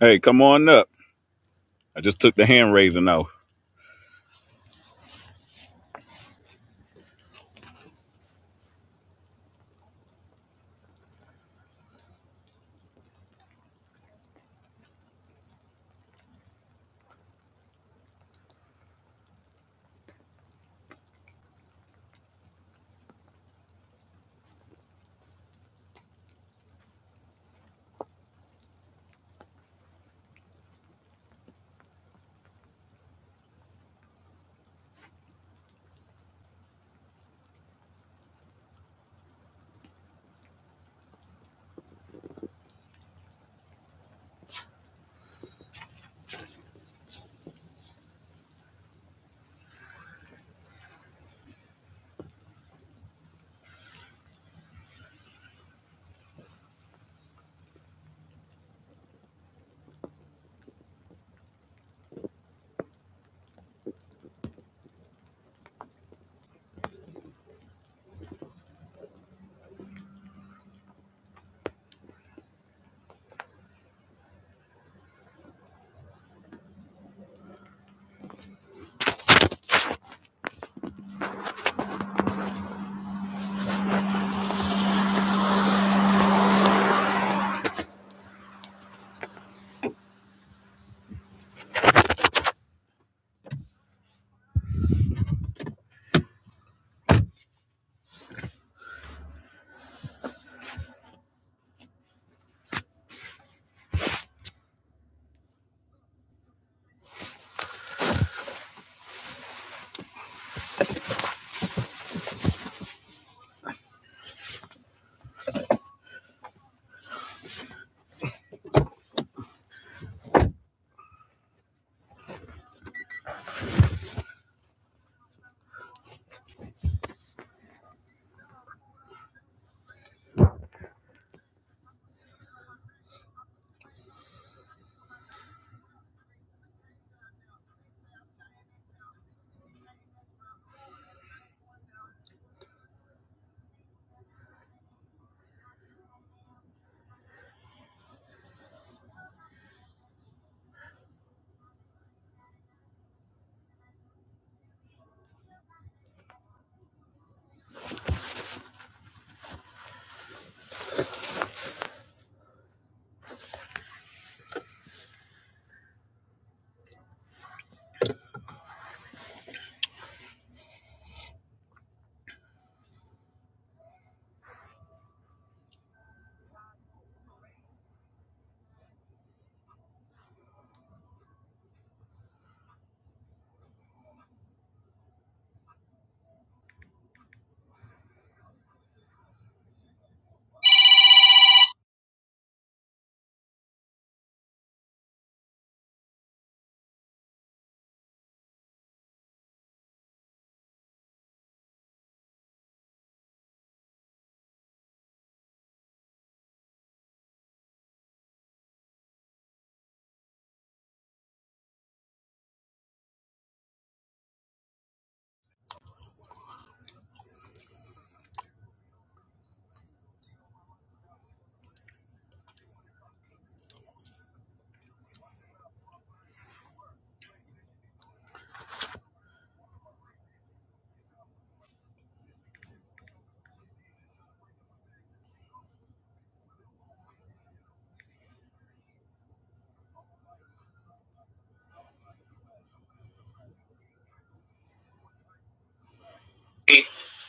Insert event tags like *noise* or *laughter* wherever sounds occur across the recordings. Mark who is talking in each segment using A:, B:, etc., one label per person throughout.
A: Hey, come on up. I just took the hand raising off.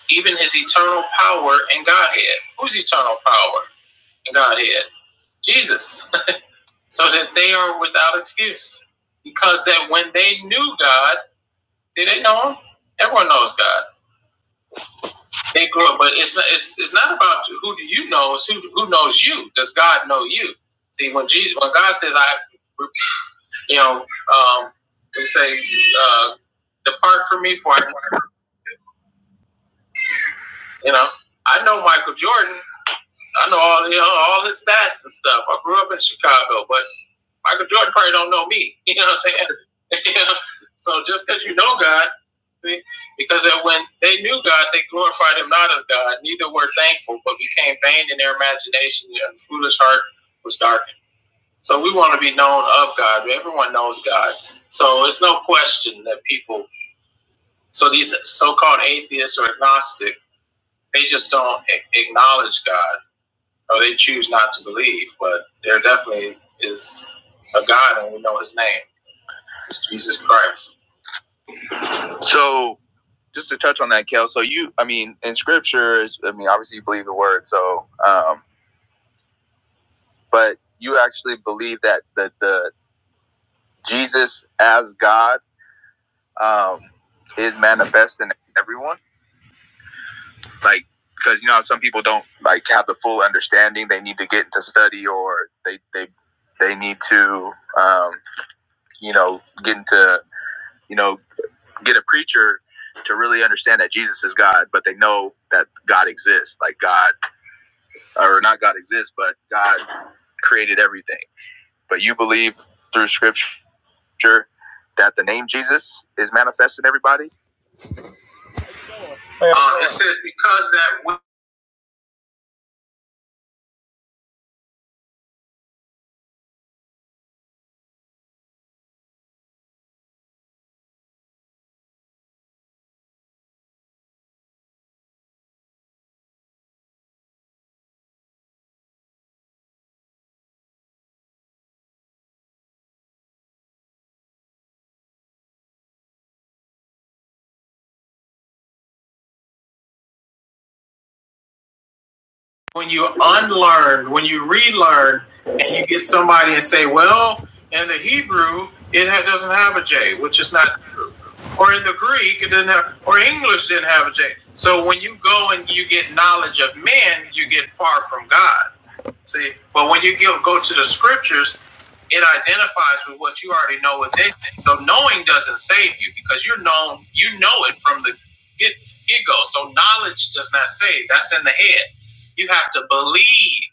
A: Even his eternal power and Godhead. Who's eternal power and Godhead? Jesus. *laughs* So that they are without excuse. Because that when they knew God, did they know him? Everyone knows God. They grew up, but it's not, it's, it's not about who do you know, it's who, who knows you. Does God know you? See, when Jesus, when God says, I, you know, um, we say, uh, depart from me for I You know, I know Michael Jordan. I know all you know, all his stats and stuff. I grew up in Chicago, but Michael Jordan probably don't know me. *laughs* You know what I'm saying? *laughs* you know? So just because you know God, because when they knew God, they glorified Him not as God. Neither were thankful, but became vain in their imagination, and the foolish heart was darkened. So we want to be known of God. Everyone knows God. So it's no question that people. So these so-called atheists or agnostic, they just don't acknowledge God or they choose not to believe, but there definitely is a God, and we know His name. It's Jesus Christ. So just to touch on that, Kel. So you, I mean, in scripture, I mean, obviously you believe the word. So, um, but you actually believe that the the Jesus as God um, is manifest in everyone, like because you know some people don't like have the full understanding. They need to get into study, or they they they need to um, you know get into you know, get a preacher to really understand that Jesus is God, but they know that God exists. Like God, or not God exists, but God created everything. But you believe through scripture that the name Jesus is manifest in everybody? Uh, it says, because that. when you unlearn, when you relearn, and you get somebody and say, well, in the Hebrew, it doesn't have a J, which is not true. Or in the Greek, it doesn't have, or English didn't have a J. So when you go and you get knowledge of men, you get far from God. See, but when you go go to the scriptures, it identifies with what you already know within. So knowing doesn't save you because you're known, you know it from the get, get go. So knowledge does not save. That's in the head. You have to believe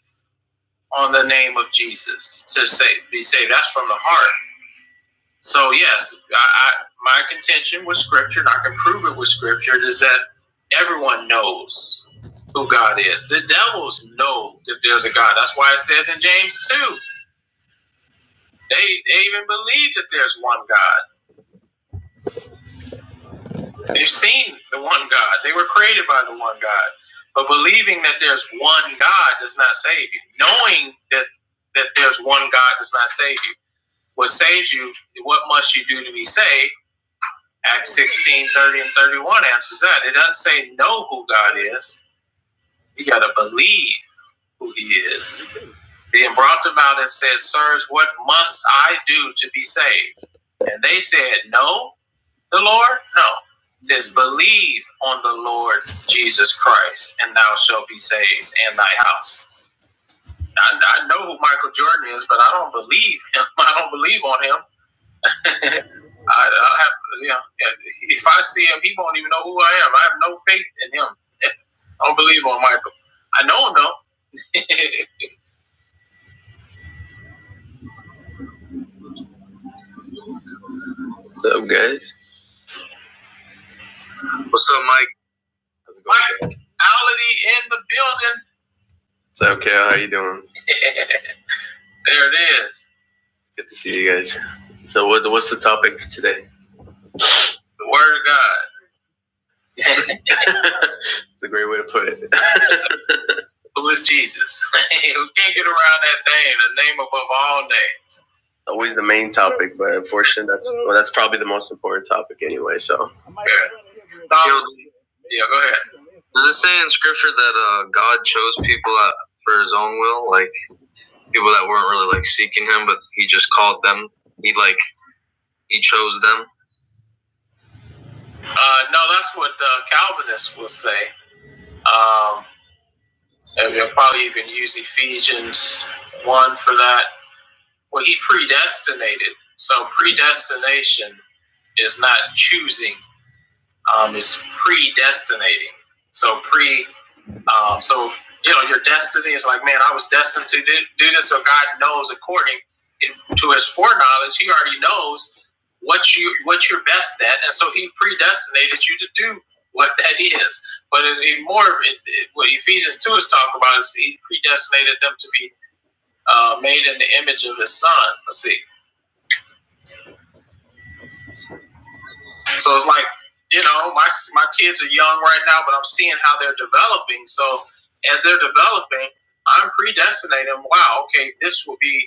A: on the name of Jesus to save, be saved. That's from the heart. So yes, I, I my contention with Scripture, and I can prove it with Scripture, is that everyone knows who God is. The devils know that there's a God. That's why it says in James two, they they even believe that there's one God. They've seen the one God. They were created by the one God. But believing that there's one God does not save you. Knowing that that there's one God does not save you. What saves you? What must you do to be saved? Acts 16 30 and 31 answers that. It doesn't say know who God is. You got to believe who he is. Then brought them out and said, Sirs, what must I do to be saved? And they said, Know the Lord? No. It says, Believe on the Lord Jesus Christ, and thou shalt be saved and thy house. I, I know who Michael Jordan is, but I don't believe him. *laughs* I don't believe on him. *laughs* I, I have, you know, yeah, if I see him, he won't even know who I am. I have no faith in him. *laughs* I don't believe on Michael. I know him though. *laughs* What's up, guys? What's up, Mike? How's it going? Mike Ality in the building. What's up, Cal? How you doing? *laughs* there it is. Good to see you guys. So, what, what's the topic today? The Word of God. It's *laughs* a great way to put it. Who is Jesus? *laughs* We can't get around that name? The name above all names. always the main topic, but unfortunately, that's well, that's probably the most important topic anyway. So Yeah. No, yeah, go ahead. Uh, no, that's what uh, Calvinists will say. Um, and they'll probably even use Ephesians 1 for that. Well, he predestinated. So predestination is not choosing, um, it's predestinating. So pre Um, so you know, your destiny is like, man, I was destined to do, do this. So God knows, according to His foreknowledge, He already knows what you what you're best at, and so He predestinated you to do what *laughs* that is. But it's more it, it, what Ephesians two is talking about is He predestinated them to be uh, made in the image of His Son. Let's see. So it's like, you know, my my kids are young right now, but I'm seeing how they're developing. So as they're developing, I'm predestinating. Wow, okay, this will be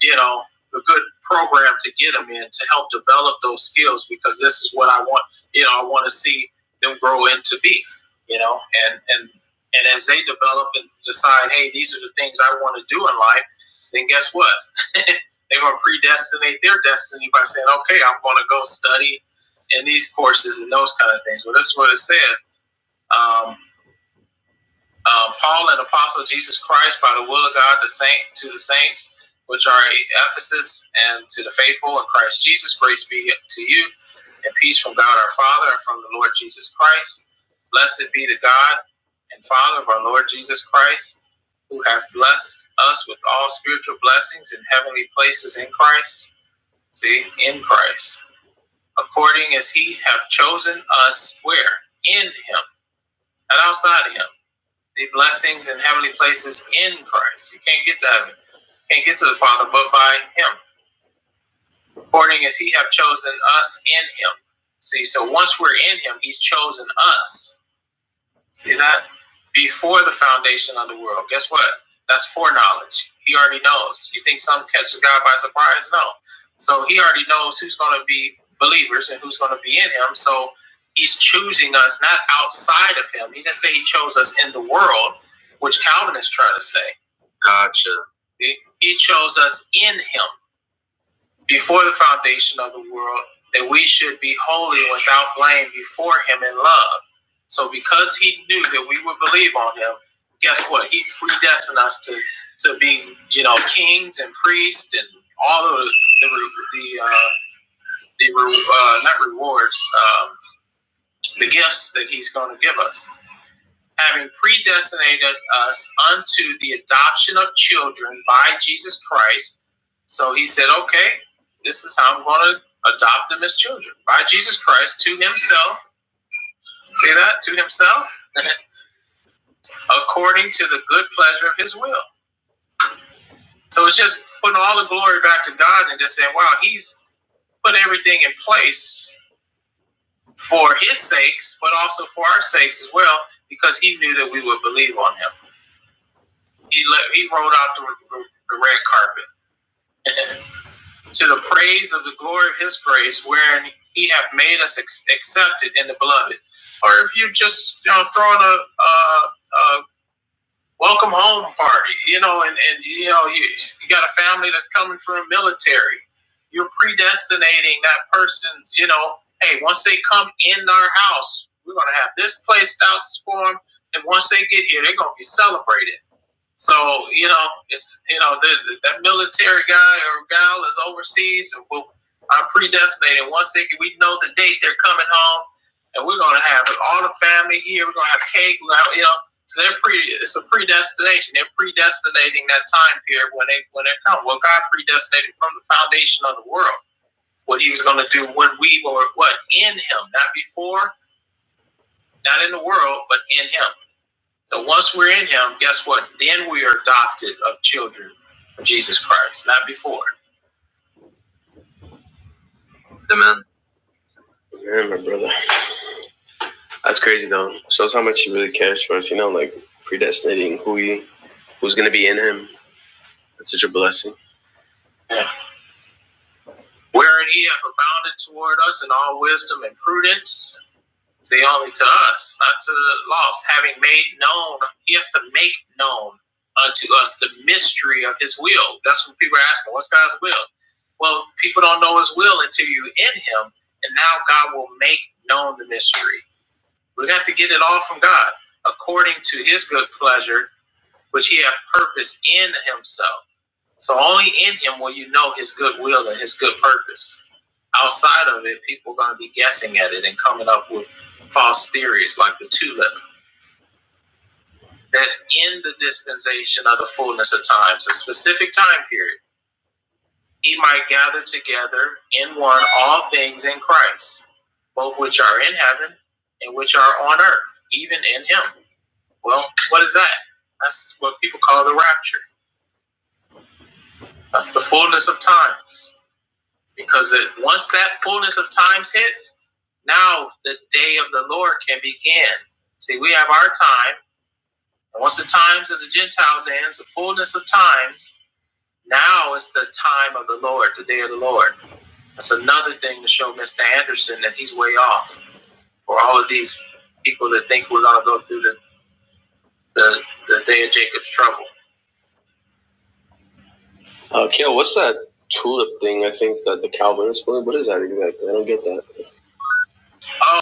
A: you know, a good program to get them in to help develop those skills because this is what I want, you know, I want to see them grow into be, you know, and and and as they develop and decide, hey, these are the things I want to do in life, then guess what? *laughs* They're going to predestinate their destiny by saying, okay, I'm going to go study in these courses and those kind of things. Well, that's what it says. Um, uh, Paul, an apostle of Jesus Christ, by the will of God, the saint to the saints which are at Ephesus, and to the faithful in Christ Jesus, grace be to you, and peace from God our Father and from the Lord Jesus Christ. Blessed be the God and Father of our Lord Jesus Christ, who hath blessed us with all spiritual blessings in heavenly places in Christ. See, in Christ, according as He hath chosen us, where in Him, not outside of Him the blessings and heavenly places in Christ. You can't get to heaven, can't get to the Father, but by Him. According as He have chosen us in Him. See, so once we're in Him, He's chosen us See that? Before the foundation of the world. Guess what? That's foreknowledge. He already knows. You think some catches God by surprise? No. So he already knows who's going to be believers and who's going to be in him. So he's choosing us not outside of him. He didn't say he chose us in the world, which Calvin is trying to say. Gotcha. He, he chose us in him before the foundation of the world that we should be holy without blame before him in love. So because he knew that we would believe on him, guess what? He predestined us to to be, you know, kings and priests and all of the the the, uh, the uh, not rewards, um, the gifts that he's going to give us having predestinated us unto the adoption of children by Jesus Christ. So he said, okay, this is how I'm going to adopt them as children by Jesus Christ to himself. See that? To himself, *laughs* according to the good pleasure of his will. So it's just putting all the glory back to God and just saying, wow, he's put everything in place for his sakes, but also for our sakes as well, because he knew that we would believe on him. He, let, he rolled out the, the red carpet to the praise of the glory of his grace, wherein he hath made us ex- accepted in the beloved. Or if you just, you know, throwing a, a, a welcome home party, you know, and, and you know, you, you got a family that's coming from the military, you're predestinating that person, you know, hey, once they come in our house, we're going to have this placed out for them. And once they get here, they're going to be celebrated. So you know, it's you know the, the, that military guy or gal is overseas. and we- I'm predestinated. Once they we know the date they're coming home, and we're gonna have all the family here. We're gonna have cake. We're gonna have, you know, so they're pre. It's a predestination. They're predestinating that time period when they when they come. Well, God predestinated from the foundation of the world what He was gonna do when we were what in Him, not before, not in the world, but in Him. So once we're in him, guess what? Then we are adopted of children of Jesus Christ, not before. Amen. Amen, my brother. That's crazy though. Shows how much he really cares for us, you know, like predestinating who he who's gonna be in him. That's such a blessing. Yeah. Wherein he hath abounded toward us in all wisdom and prudence, See, only to us, not to the lost, having made known, he has to make known unto us the mystery of his will. That's what people are asking, what's God's will? Well, people don't know his will until you're in him, and now God will make known the mystery. We have to get it all from God, according to his good pleasure, which he hath purposed in himself. So only in him will you know his good will and his good purpose. Outside of it, people are going to be guessing at it and coming up with false theories like the tulip. That in the dispensation of the fullness of times, a specific time period, he might gather together in one all things in Christ, both which are in heaven and which are on earth, even in him. Well, what is that? That's what people call the rapture. That's the fullness of times because it, once that fullness of times hits, now the day of the Lord can begin. See, we have our time, and once the times of the Gentiles ends, the fullness of times, now is the time of the Lord, the day of the Lord. That's another thing to show Mr. Anderson that he's way off for all of these people that think we're going to go through the, the, the day of Jacob's trouble. Uh, Kale, what's that tulip thing? I think that the Calvinist believe. What is that exactly? I don't get that. Oh,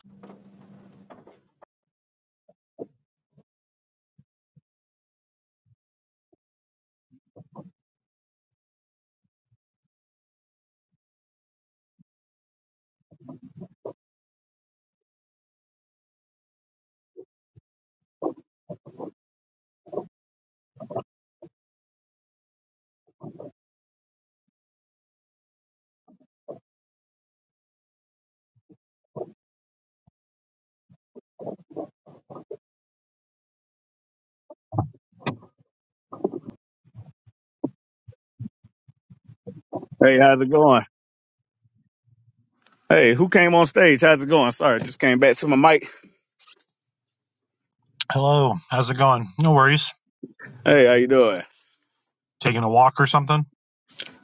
A: Hey, how's it going? Hey, who came on stage? How's it going? Sorry, just came back to my mic.
B: Hello, how's it going? No worries.
A: Hey, how you doing?
B: Taking a walk or something?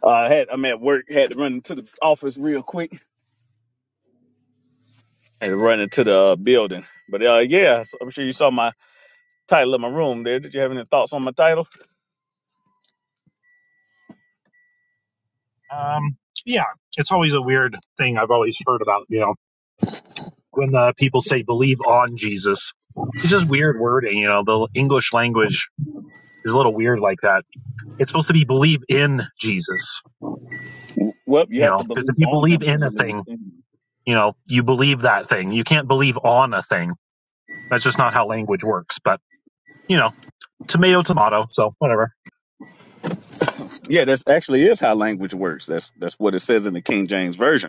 A: Uh, I had I'm at work. Had to run into the office real quick. Had to run into the uh, building. But uh, yeah, so I'm sure you saw my title of my room there. Did you have any thoughts on my title?
B: Um, yeah, it's always a weird thing I've always heard about, you know, when uh, people say believe on Jesus. It's just weird wording, you know, the English language is a little weird like that. It's supposed to be believe in Jesus,
A: Well, you
B: you
A: have to
B: know, because if
A: believe
B: you
A: on
B: believe
A: him to
B: in a
A: believe
B: thing,
A: in him.
B: you know, you believe that thing. You can't believe on a thing. That's just not how language works, but, you know, tomato, tomato, so whatever.
A: Yeah, that's actually is how language works. That's that's what it says in the King James version.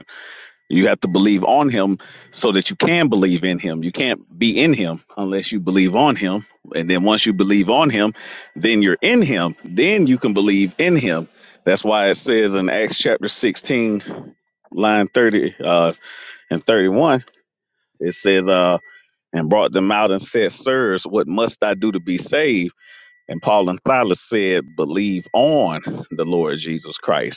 A: You have to believe on him so that you can believe in him. You can't be in him unless you believe on him. And then once you believe on him, then you're in him. Then you can believe in him. That's why it says in Acts chapter 16, line 30 uh, and 31, it says, uh, and brought them out and said, Sirs, what must I do to be saved? And Paul and Silas said, Believe on the Lord Jesus Christ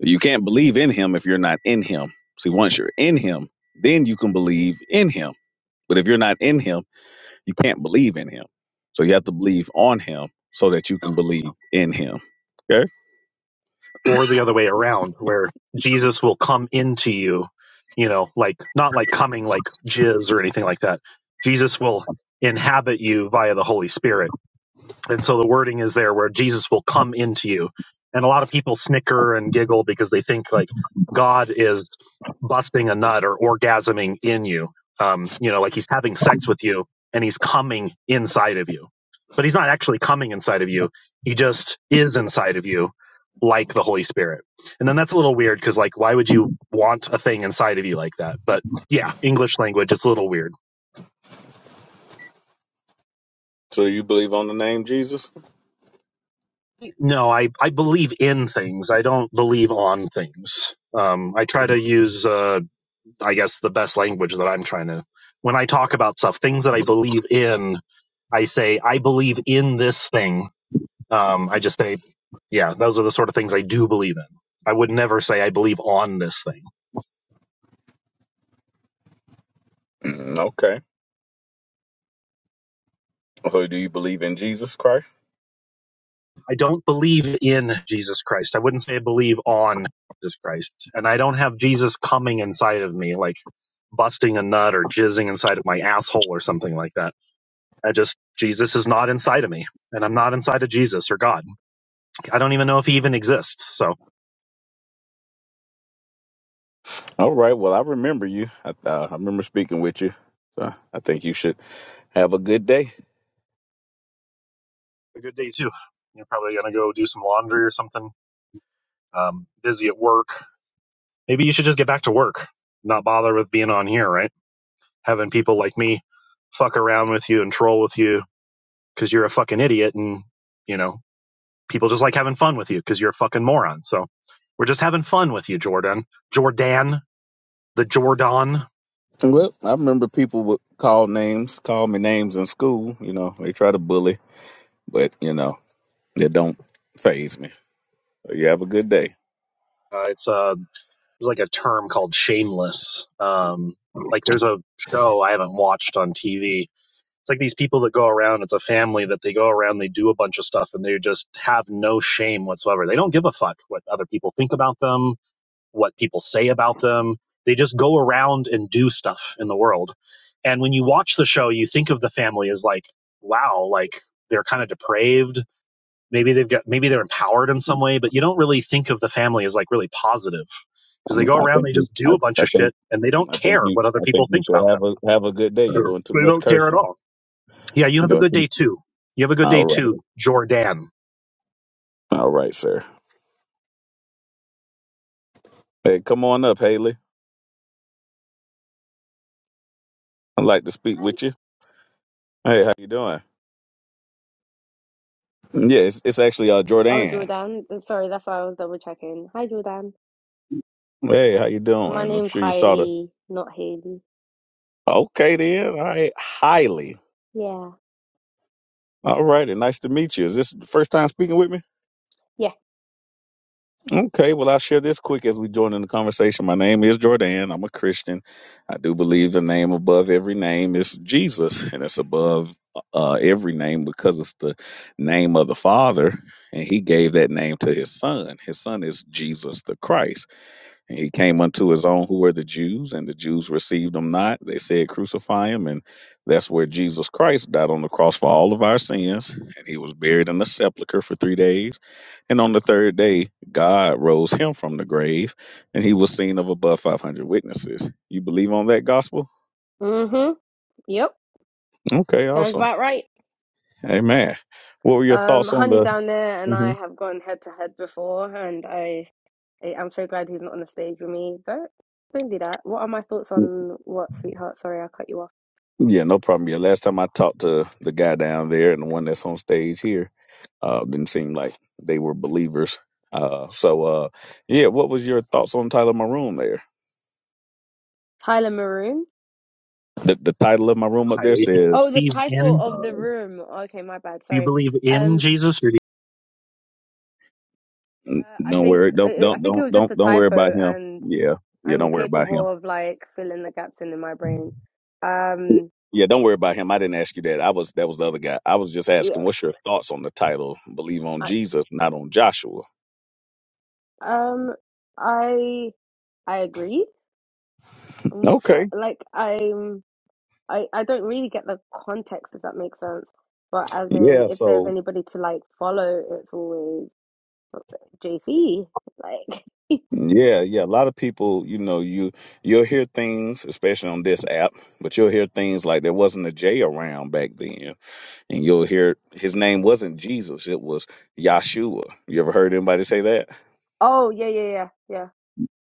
A: you can't believe in him if you're not in him. See, once you're in him, then you can believe in him. But if you're not in him, you can't believe in him. So you have to believe on him so that you can believe in him. Okay?
B: or the other way around where Jesus will come into you, you know, like not like coming like jizz or anything like that. Jesus will inhabit you via the Holy Spirit and so the wording is there where Jesus will come into you. And a lot of people snicker and giggle because they think like God is busting a nut or orgasming in you. Um, you know, like he's having sex with you and he's coming inside of you. But he's not actually coming inside of you. He just is inside of you like the Holy Spirit. And then that's a little weird because like why would you want a thing inside of you like that? But yeah, English language, it's a little weird.
A: So you believe on the name Jesus?
B: No, I, I believe in things. I don't believe on things. Um, I try to use, uh, I guess, the best language that I'm trying to. When I talk about stuff, things that I believe in, I say, I believe in this thing. Um, I just say, yeah, those are the sort of things I do believe in. I would never say I believe on this thing.
A: Mm, okay. So do you believe in Jesus Christ?
B: I don't believe in Jesus Christ. I wouldn't say I believe on Jesus Christ. And I don't have Jesus coming inside of me, like busting a nut or jizzing inside of my asshole or something like that. I just Jesus is not inside of me, and I'm not inside of Jesus or God. I don't even know if He even exists. So
A: All right. Well, I remember you. I, uh, I remember speaking with you. So I think you should have a good day.
B: a good day too. You're probably gonna go do some laundry or something. Um, busy at work. Maybe you should just get back to work. Not bother with being on here, right? Having people like me fuck around with you and troll with you because you're a fucking idiot, and you know people just like having fun with you because you're a fucking moron. So we're just having fun with you, Jordan. Jordan, the Jordan.
A: Well, I remember people would call names, call me names in school. You know, they try to bully, but you know, it don't phase me. So you have a good day.
B: Uh, it's a there's like a term called shameless. Um, like there's a show I haven't watched on TV. It's like these people that go around. It's a family that they go around. They do a bunch of stuff, and they just have no shame whatsoever. They don't give a fuck what other people think about them, what people say about them. They just go around and do stuff in the world. And when you watch the show, you think of the family as like, wow, like they're kind of depraved Maybe they've got maybe they're empowered in some way, but you don't really think of the family as like really positive because they
A: Um,
B: go
A: I
B: around
A: think
B: they
A: you,
B: just
A: I,
B: do a bunch
A: I
B: of
A: think
B: shit and they don't
A: I think
B: care
A: you
B: what other
A: I
B: people
A: think you
B: think
A: should
B: about
A: have
B: them.
A: a have a good day. You're
B: *clears throat*
A: doing too
B: They
A: much
B: don't care at
A: cursing.
B: all. Yeah, you
A: You're
B: have a
A: doing
B: good day
A: too
B: too. You have a good
A: all
B: day
A: right.
B: too, Jordan.
A: All right, sir. Hey, come on up, Haley. I'd like to speak
C: Hi.
A: with you. Hey, how you doing? Yeah, it's, it's actually uh
C: Oh,
A: Jordan.
C: Jordan. Th- Sorry, that's why I was double checking. Hi, Jordan.
A: Hey, how you
C: My
A: doing? I'm
C: name's
A: sure you saw the
C: Hailey, not Haley.
A: Okay then. All right. Highly.
C: Yeah.
A: All righty, nice to meet you. Is this the first time speaking with me?
C: Yeah.
A: Okay, well, I'll share this quick as we join in the conversation. My name is Jordan. I'm a Christian. I do believe the name above every name is Jesus, and it's above uh, every name because it's the name of the Father, and He gave that name to His Son. His Son is Jesus the Christ. And he came unto his own who were the Jews, and the Jews received him not. They said, Crucify him. And that's where Jesus Christ died on the cross for all of our sins. And he was buried in the sepulchre for three days. And on the third day, God rose him from the grave, and he was seen of above 500 witnesses. You believe on that gospel?
C: Mm-hmm. Yep.
A: Okay,
C: Sounds
A: awesome.
C: about right.
A: Amen. What were your
C: Um,
A: thoughts on
C: Honey
A: the.
C: down there and
A: Mhm.
C: I have gone head to head before, and I, I I'm so glad he's not on the stage with me. Don't don't do that. What are my thoughts on what, sweetheart? Sorry, I cut you off.
A: Yeah, no problem. Yeah, last time I talked to the guy down there and the one that's on stage here, uh, didn't seem like they were believers. Uh, so uh, yeah, what was your thoughts on title of my room there?
C: Tyler Maroon.
A: The, the title of my room up there
B: Highly. Do
A: says,
C: Oh,
B: you
C: the
B: believe
C: title
B: in?
C: of the
A: um,
C: room. Okay, my bad.
B: Do you
C: Sorry.
B: believe in
C: Um,
B: Jesus? Or do
A: n-
C: Uh, I
A: "Don't worry,
C: think
A: don't
C: I I
A: don't
C: think it
A: don't
C: was just
A: don't
C: a
A: don't worry about
C: typo,
A: him."
C: and
A: Yeah, yeah, don't
C: I'm
A: worry about him.
C: capable of like filling the gaps in in my brain. Um,
A: Yeah, don't worry about him. I didn't ask you that. I was that was the other guy. I was just asking,
C: yeah,
A: what's your thoughts on the title? Believe on
C: I
A: Jesus, not on Joshua.
C: um I I agree. Um, uh,
A: Okay.
C: like I'm I I don't really get the context if that makes sense. But as in,
A: Yeah.
C: if there's
A: So
C: anybody to like follow, it's always JC. Like,
A: Yeah, yeah. A lot of people, you know, you you'll hear things, especially on this app, but you'll hear things like there wasn't a J around back then, and you'll hear his name wasn't Jesus, it was Yahshua. You ever heard anybody say that?
C: *laughs* oh yeah, yeah, yeah, yeah.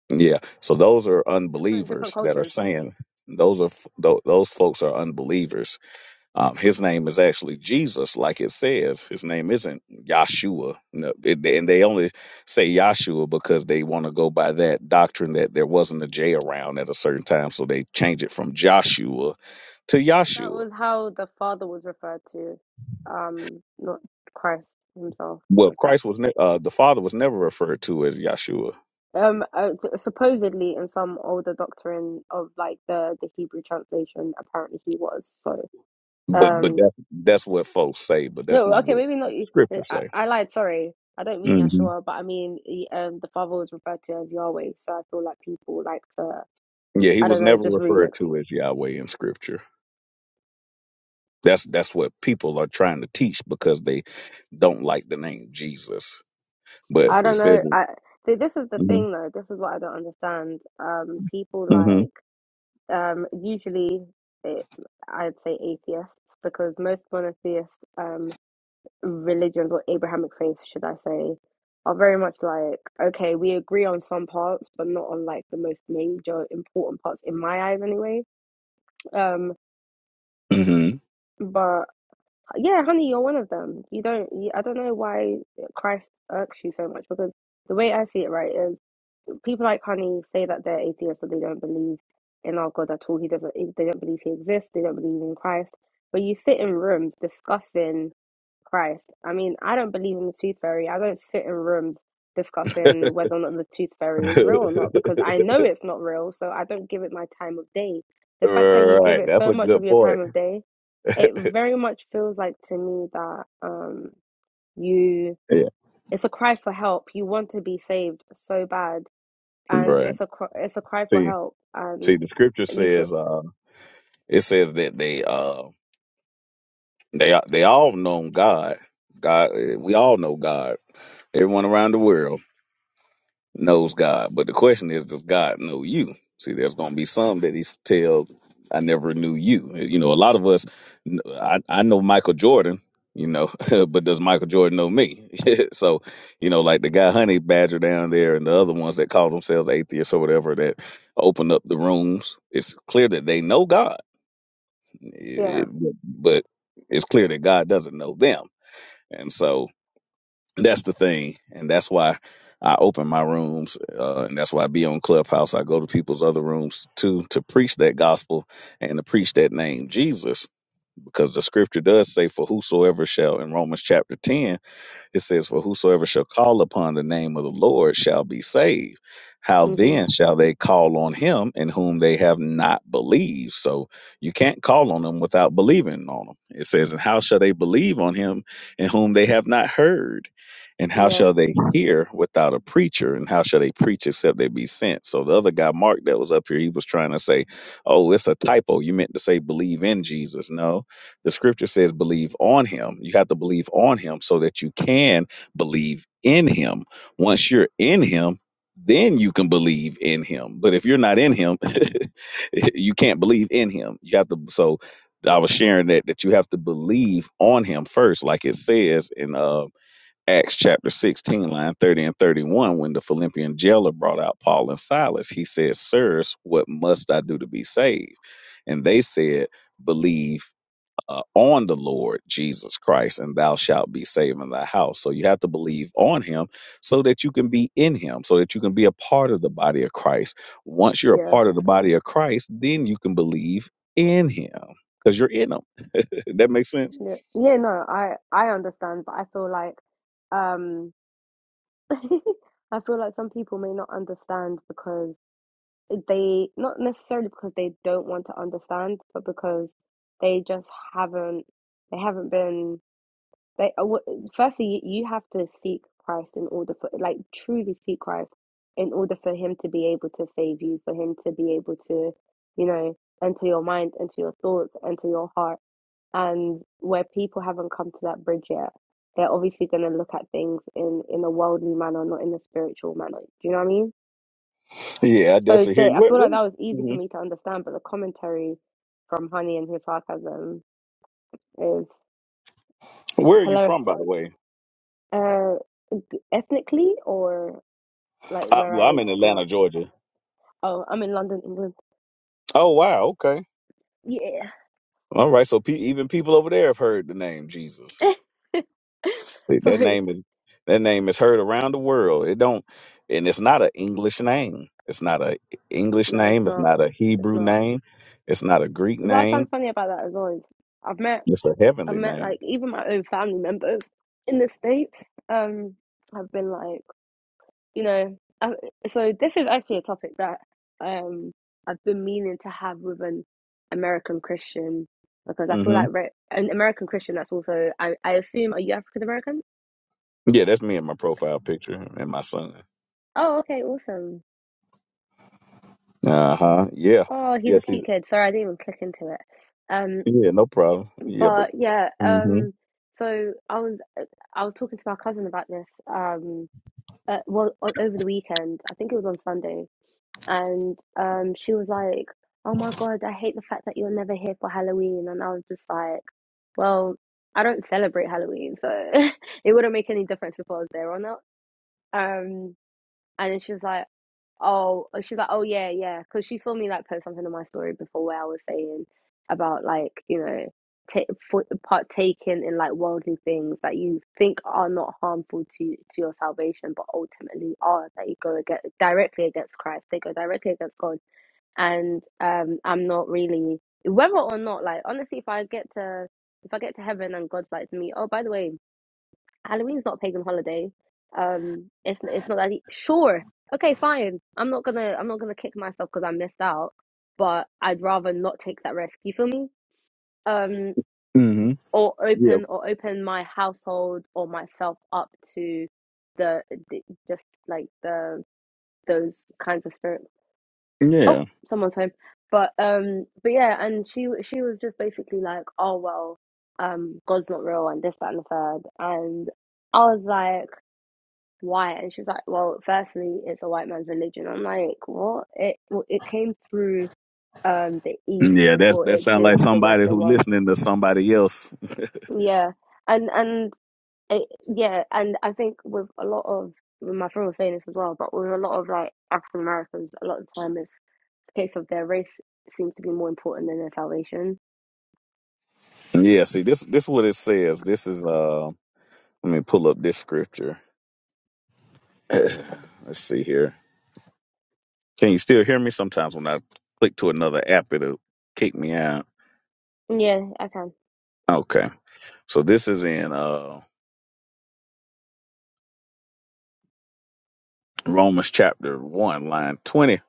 A: Yeah. So those are
C: Different different
A: unbelievers that are
C: cultures.
A: saying those are f- tho- those folks are unbelievers um, his name is actually Jesus, like it says. His name isn't Yahshua. No, it, and they only say Yahshua because they want to go by that doctrine that there wasn't a J around at a certain time, so they change it from Joshua to
C: No, that
A: Yahshua.
C: was how the Father was referred to, um, not Christ himself.
A: Well,
C: Was that
A: Christ was ne- uh, the Father was never referred to as Yahshua,
C: um uh, t- supposedly in some older doctrine of like the the Hebrew translation? Apparently, he was. So
A: but but
C: um,
A: that that's what folks say, but that's
C: no,
A: not
C: okay,
A: what
C: maybe not. you- uh,
A: Scripture
C: I,
A: say.
C: I lied. Sorry, I don't mean
A: hmm
C: Yeshua, but I mean he- um the Father was referred to as Yahweh. So I feel like people like to
A: Yeah, he
C: I don't
A: was
C: know
A: never
C: just
A: referred
C: remix.
A: to as Yahweh in Scripture. That's that's what people are trying to teach because they don't like the name Jesus. But
C: I
A: it
C: don't
A: says,
C: know. I see. This is the thing
A: mm-hmm,
C: though. This is what I don't understand. Um, people
A: hmm
C: like. um, usually it, I'd say atheists because most monotheist um, religions or Abrahamic faiths, should I say, are very much like okay, we agree on some parts, but not on like the most major important parts in my eyes, anyway. Um,
A: hmm
C: but yeah, honey, you're one of them. You don't. You, I don't know why Christ irks you so much because the way I see it, right, is. people like Honey say that they're atheists, but they don't believe in our God at all. He doesn't. They don't believe He exists. They don't believe in Christ. But you sit in rooms discussing Christ. I mean, I don't believe in the tooth fairy. I don't sit in rooms
A: *laughs* right.
C: discussing whether or not the tooth fairy is real or not because I know it's not real. So I don't give it my time of day. The fact that you give it
A: That's
C: so
A: a
C: much of
A: good
C: your
A: point.
C: time of day, it very much feels like to me that um you.
A: Yeah.
C: It's a cry for help. You want to be saved so bad and
A: Right.
C: it's a cr- it's a cry for
A: See,
C: help
A: see,
C: and
A: the scripture
C: you feel
A: says, uh, it says that they, uh, they, they all know God. God, eh, we all know God. Everyone around the world. knows God. But the question is, does God know you? See, there's going to be some that he's tell, I never knew you. You know, a lot of us, I, I know Michael Jordan, you know, *laughs* but does Michael Jordan know me? *laughs* so, you know, like the guy Honey Badger down there and the other ones that call themselves atheists or whatever that open up the rooms, it's clear that they know God,
C: yeah
A: It- it- but it's clear that God doesn't know them. And so, that's the thing, and that's why I open my rooms, uh, and that's why I be on Clubhouse. I go to people's other rooms too to preach that gospel and to preach that name Jesus, because the scripture does say, "For whosoever shall," in Romans chapter ten. It says, For whosoever shall call upon the name of the Lord shall be saved. How
C: hmm
A: then shall they call on him in whom they have not believed? So you can't call on him without believing on him. It says, And how shall they believe on him in whom they have not heard? And how
C: yeah
A: shall they hear without a preacher? And how shall they preach except they be sent? So the other guy, Mark, that was up here, he was trying to say, Oh, it's a typo. You meant to say believe in Jesus. No, the scripture says, believe on him. You have to believe on him so that you can believe in him. Once you're in him, then you can believe in him. But if you're not in him, *laughs* you can't believe in him. You have to, so I was sharing that, that you have to believe on him first, like it says in uh, Acts chapter 16, line 30 and 31, when the Philippian jailer brought out Paul and Silas, he said, Sirs, what must I do to be saved? And they said, Believe uh, on the Lord Jesus Christ, and thou shalt be saved in thy house. So you have to believe on him so that you can be in him, so that you can be a part of the body of Christ. Once you're a
C: yeah
A: part of the body of Christ, then you can believe in him because you're in him. *laughs* that makes sense?
C: yeah yeah no I I understand but I feel like um *laughs* I feel like some people may not understand because they not necessarily because they don't want to understand but because they just haven't they haven't been They, uh, wh- uh, firstly, you have to seek Christ in order for, like, truly seek Christ in order for Him to be able to save you, for Him to be able to, you know, enter your mind, enter your thoughts, enter your heart. And where people haven't come to that bridge yet, they're obviously going to look at things in in a worldly manner, not in a spiritual manner. Do you know what I mean?
A: Yeah, I
C: So
A: definitely hear
C: the,
A: you.
C: I
A: Where,
C: feel like
A: where,
C: that was easy for
A: mhm.
C: me to understand, but the commentary from Honey and his sarcasm is,
A: where
C: is
A: are you
C: hilarious.
A: from, by the way?
C: Uh, ethnically, or like
A: I,
C: where
A: well,
C: I
A: I'm in
C: grew
A: Atlanta,
C: up.
A: Georgia.
C: Oh, I'm in London, England.
A: Oh, wow. Okay.
C: Yeah.
A: All right. So pe- even people over there have heard the name Jesus.
C: *laughs* so
A: That name is that name is heard around the world. It don't, and it's not an English name. It's not a English
C: no, it's
A: name. It's
C: not.
A: not a
C: It's
A: Hebrew
C: not.
A: name. It's not a Greek
C: What I
A: name.
C: find funny about that as well is I've met
A: It's a
C: I've
A: heavenly
C: met
A: name.
C: like even my own family members in the States. Um, i have been like you know. I, so this is actually a topic that um I've been meaning to have with an American Christian because I feel
A: hmm
C: like re- an American Christian that's also I I assume are you African American?
A: Yeah, that's me in my profile picture and my son.
C: Oh, okay, awesome.
A: Uh huh. Yeah.
C: Oh, he's
A: Yeah.
C: a
A: See.
C: cute kid. Sorry, I didn't even click into it. Um,
A: Yeah. No problem. Yeah. But.
C: but yeah,
A: hmm
C: um, so I was I was talking to my cousin about this. Um, uh, well, o over the weekend, I think it was on Sunday, and um, she was like, "Oh my God, I hate the fact that you're never here for Halloween." And I was just like, "Well, I don't celebrate Halloween, so *laughs* it wouldn't make any difference if I was there or not." Um, and then she was like, oh, she's like, oh yeah, yeah, because she saw me like post something on my story before where I was saying about like you know ta- for- partaking in like worldly things that you think are not harmful to to your salvation, but ultimately are that you go against, directly against Christ. They go directly against God, and um, I'm not really whether or not like honestly, if I get to if I get to heaven and God's like to me, oh by the way, Halloween's not a pagan holiday. Um, it's it's not that e Sure, okay, fine. I'm not gonna I'm not gonna kick myself because I missed out, but I'd rather not take that risk. You feel me? Um,
A: hmm
C: or
A: Yeah.
C: open or open my household or myself up to the, the just like the those kinds of spirits. Oh,
A: Yeah.
C: someone's home. But um, but yeah, and she she was just basically like, oh well, um, God's not real and this that and the third, and I was like. why? And she was like, well, firstly, it's a white man's religion. I'm like, what? It well, it came through um the East
A: Yeah. That's
C: before
A: that
C: it
A: sounds
C: did
A: like
C: the
A: somebody
C: Western
A: who
C: world.
A: listening to somebody else.
C: Yeah, and and it, yeah, and I think with a lot of well, my friend was saying this as well, but with a lot of like African Americans, a lot of the time it's the case of their race seems to be more important than their salvation.
A: Yeah. See. This. This what it says. This is. Uh. Let me pull up this scripture. *sighs* *clears throat* Let's see here. Can you still hear me? Sometimes when I click to another app, it'll kick me out.
C: Yeah, I can.
A: Okay. So this is in uh, Romans chapter 1, line 20.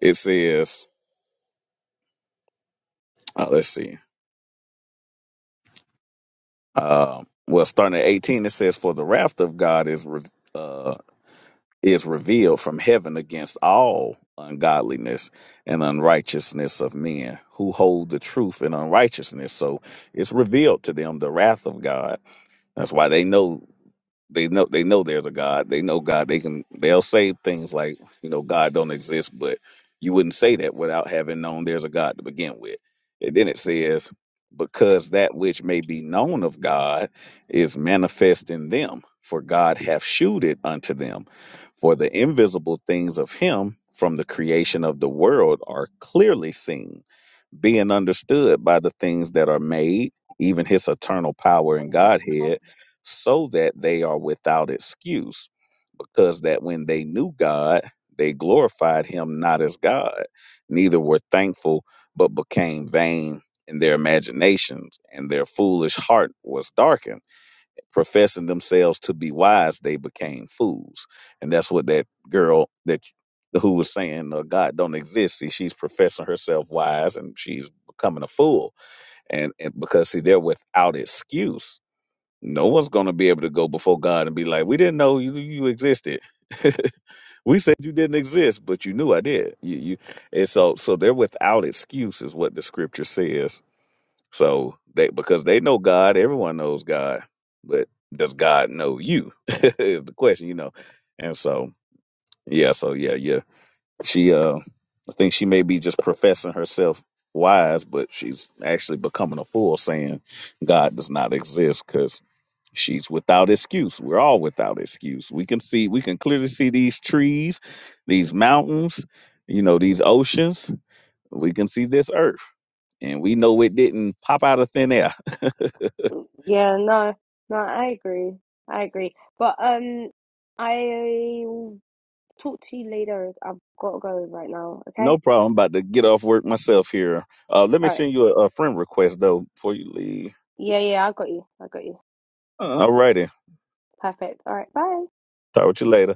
A: It says, uh, let's see. Uh, well, starting at 18, it says, For the wrath of God is, re- uh, is revealed from heaven against all ungodliness and unrighteousness of men who hold the truth in unrighteousness. So it's revealed to them the wrath of God. That's why they know. They know they know there's a God. They know God. They can they'll say things like, you know, God don't exist, but you wouldn't say that without having known there's a God to begin with. And then it says, because that which may be known of God is manifest in them, for God hath shewed it unto them. For the invisible things of him from the creation of the world are clearly seen being understood by the things that are made, even his eternal power and Godhead, so that they are without excuse. Because that when they knew God, they glorified him not as God, neither were thankful, but became vain in their imaginations, and their foolish heart was darkened professing themselves to be wise, they became fools. And that's what that girl that who was saying uh, God don't exist. See, she's professing herself wise and she's becoming a fool. And, and because see, they're without excuse. No one's going to be able to go before God and be like, "We didn't know you you existed. *laughs* we said you didn't exist, but you knew I did." You, you, and so so they're without excuse, is what the scripture says so they because they know God, everyone knows God, but does God know you? *laughs* is the question, you know. And so yeah, so yeah, yeah. She uh I think she may be just professing herself wise, but she's actually becoming a fool saying God does not exist because she's without excuse. We're all without excuse. We can see we can clearly see these trees, these mountains, you know, these oceans. We can see this earth, and we know it didn't pop out of thin air. *laughs*
C: Yeah, no, no, I agree. I agree. But um, I Talk to you later. I've got to go right now. Okay.
A: No problem. About to get off work myself here. Uh, let me
C: All right.
A: send you a, a friend request though before you leave.
C: Yeah, yeah. I got you. I got you.
A: Uh-huh. All righty.
C: Perfect. All right. Bye.
A: Talk with you later.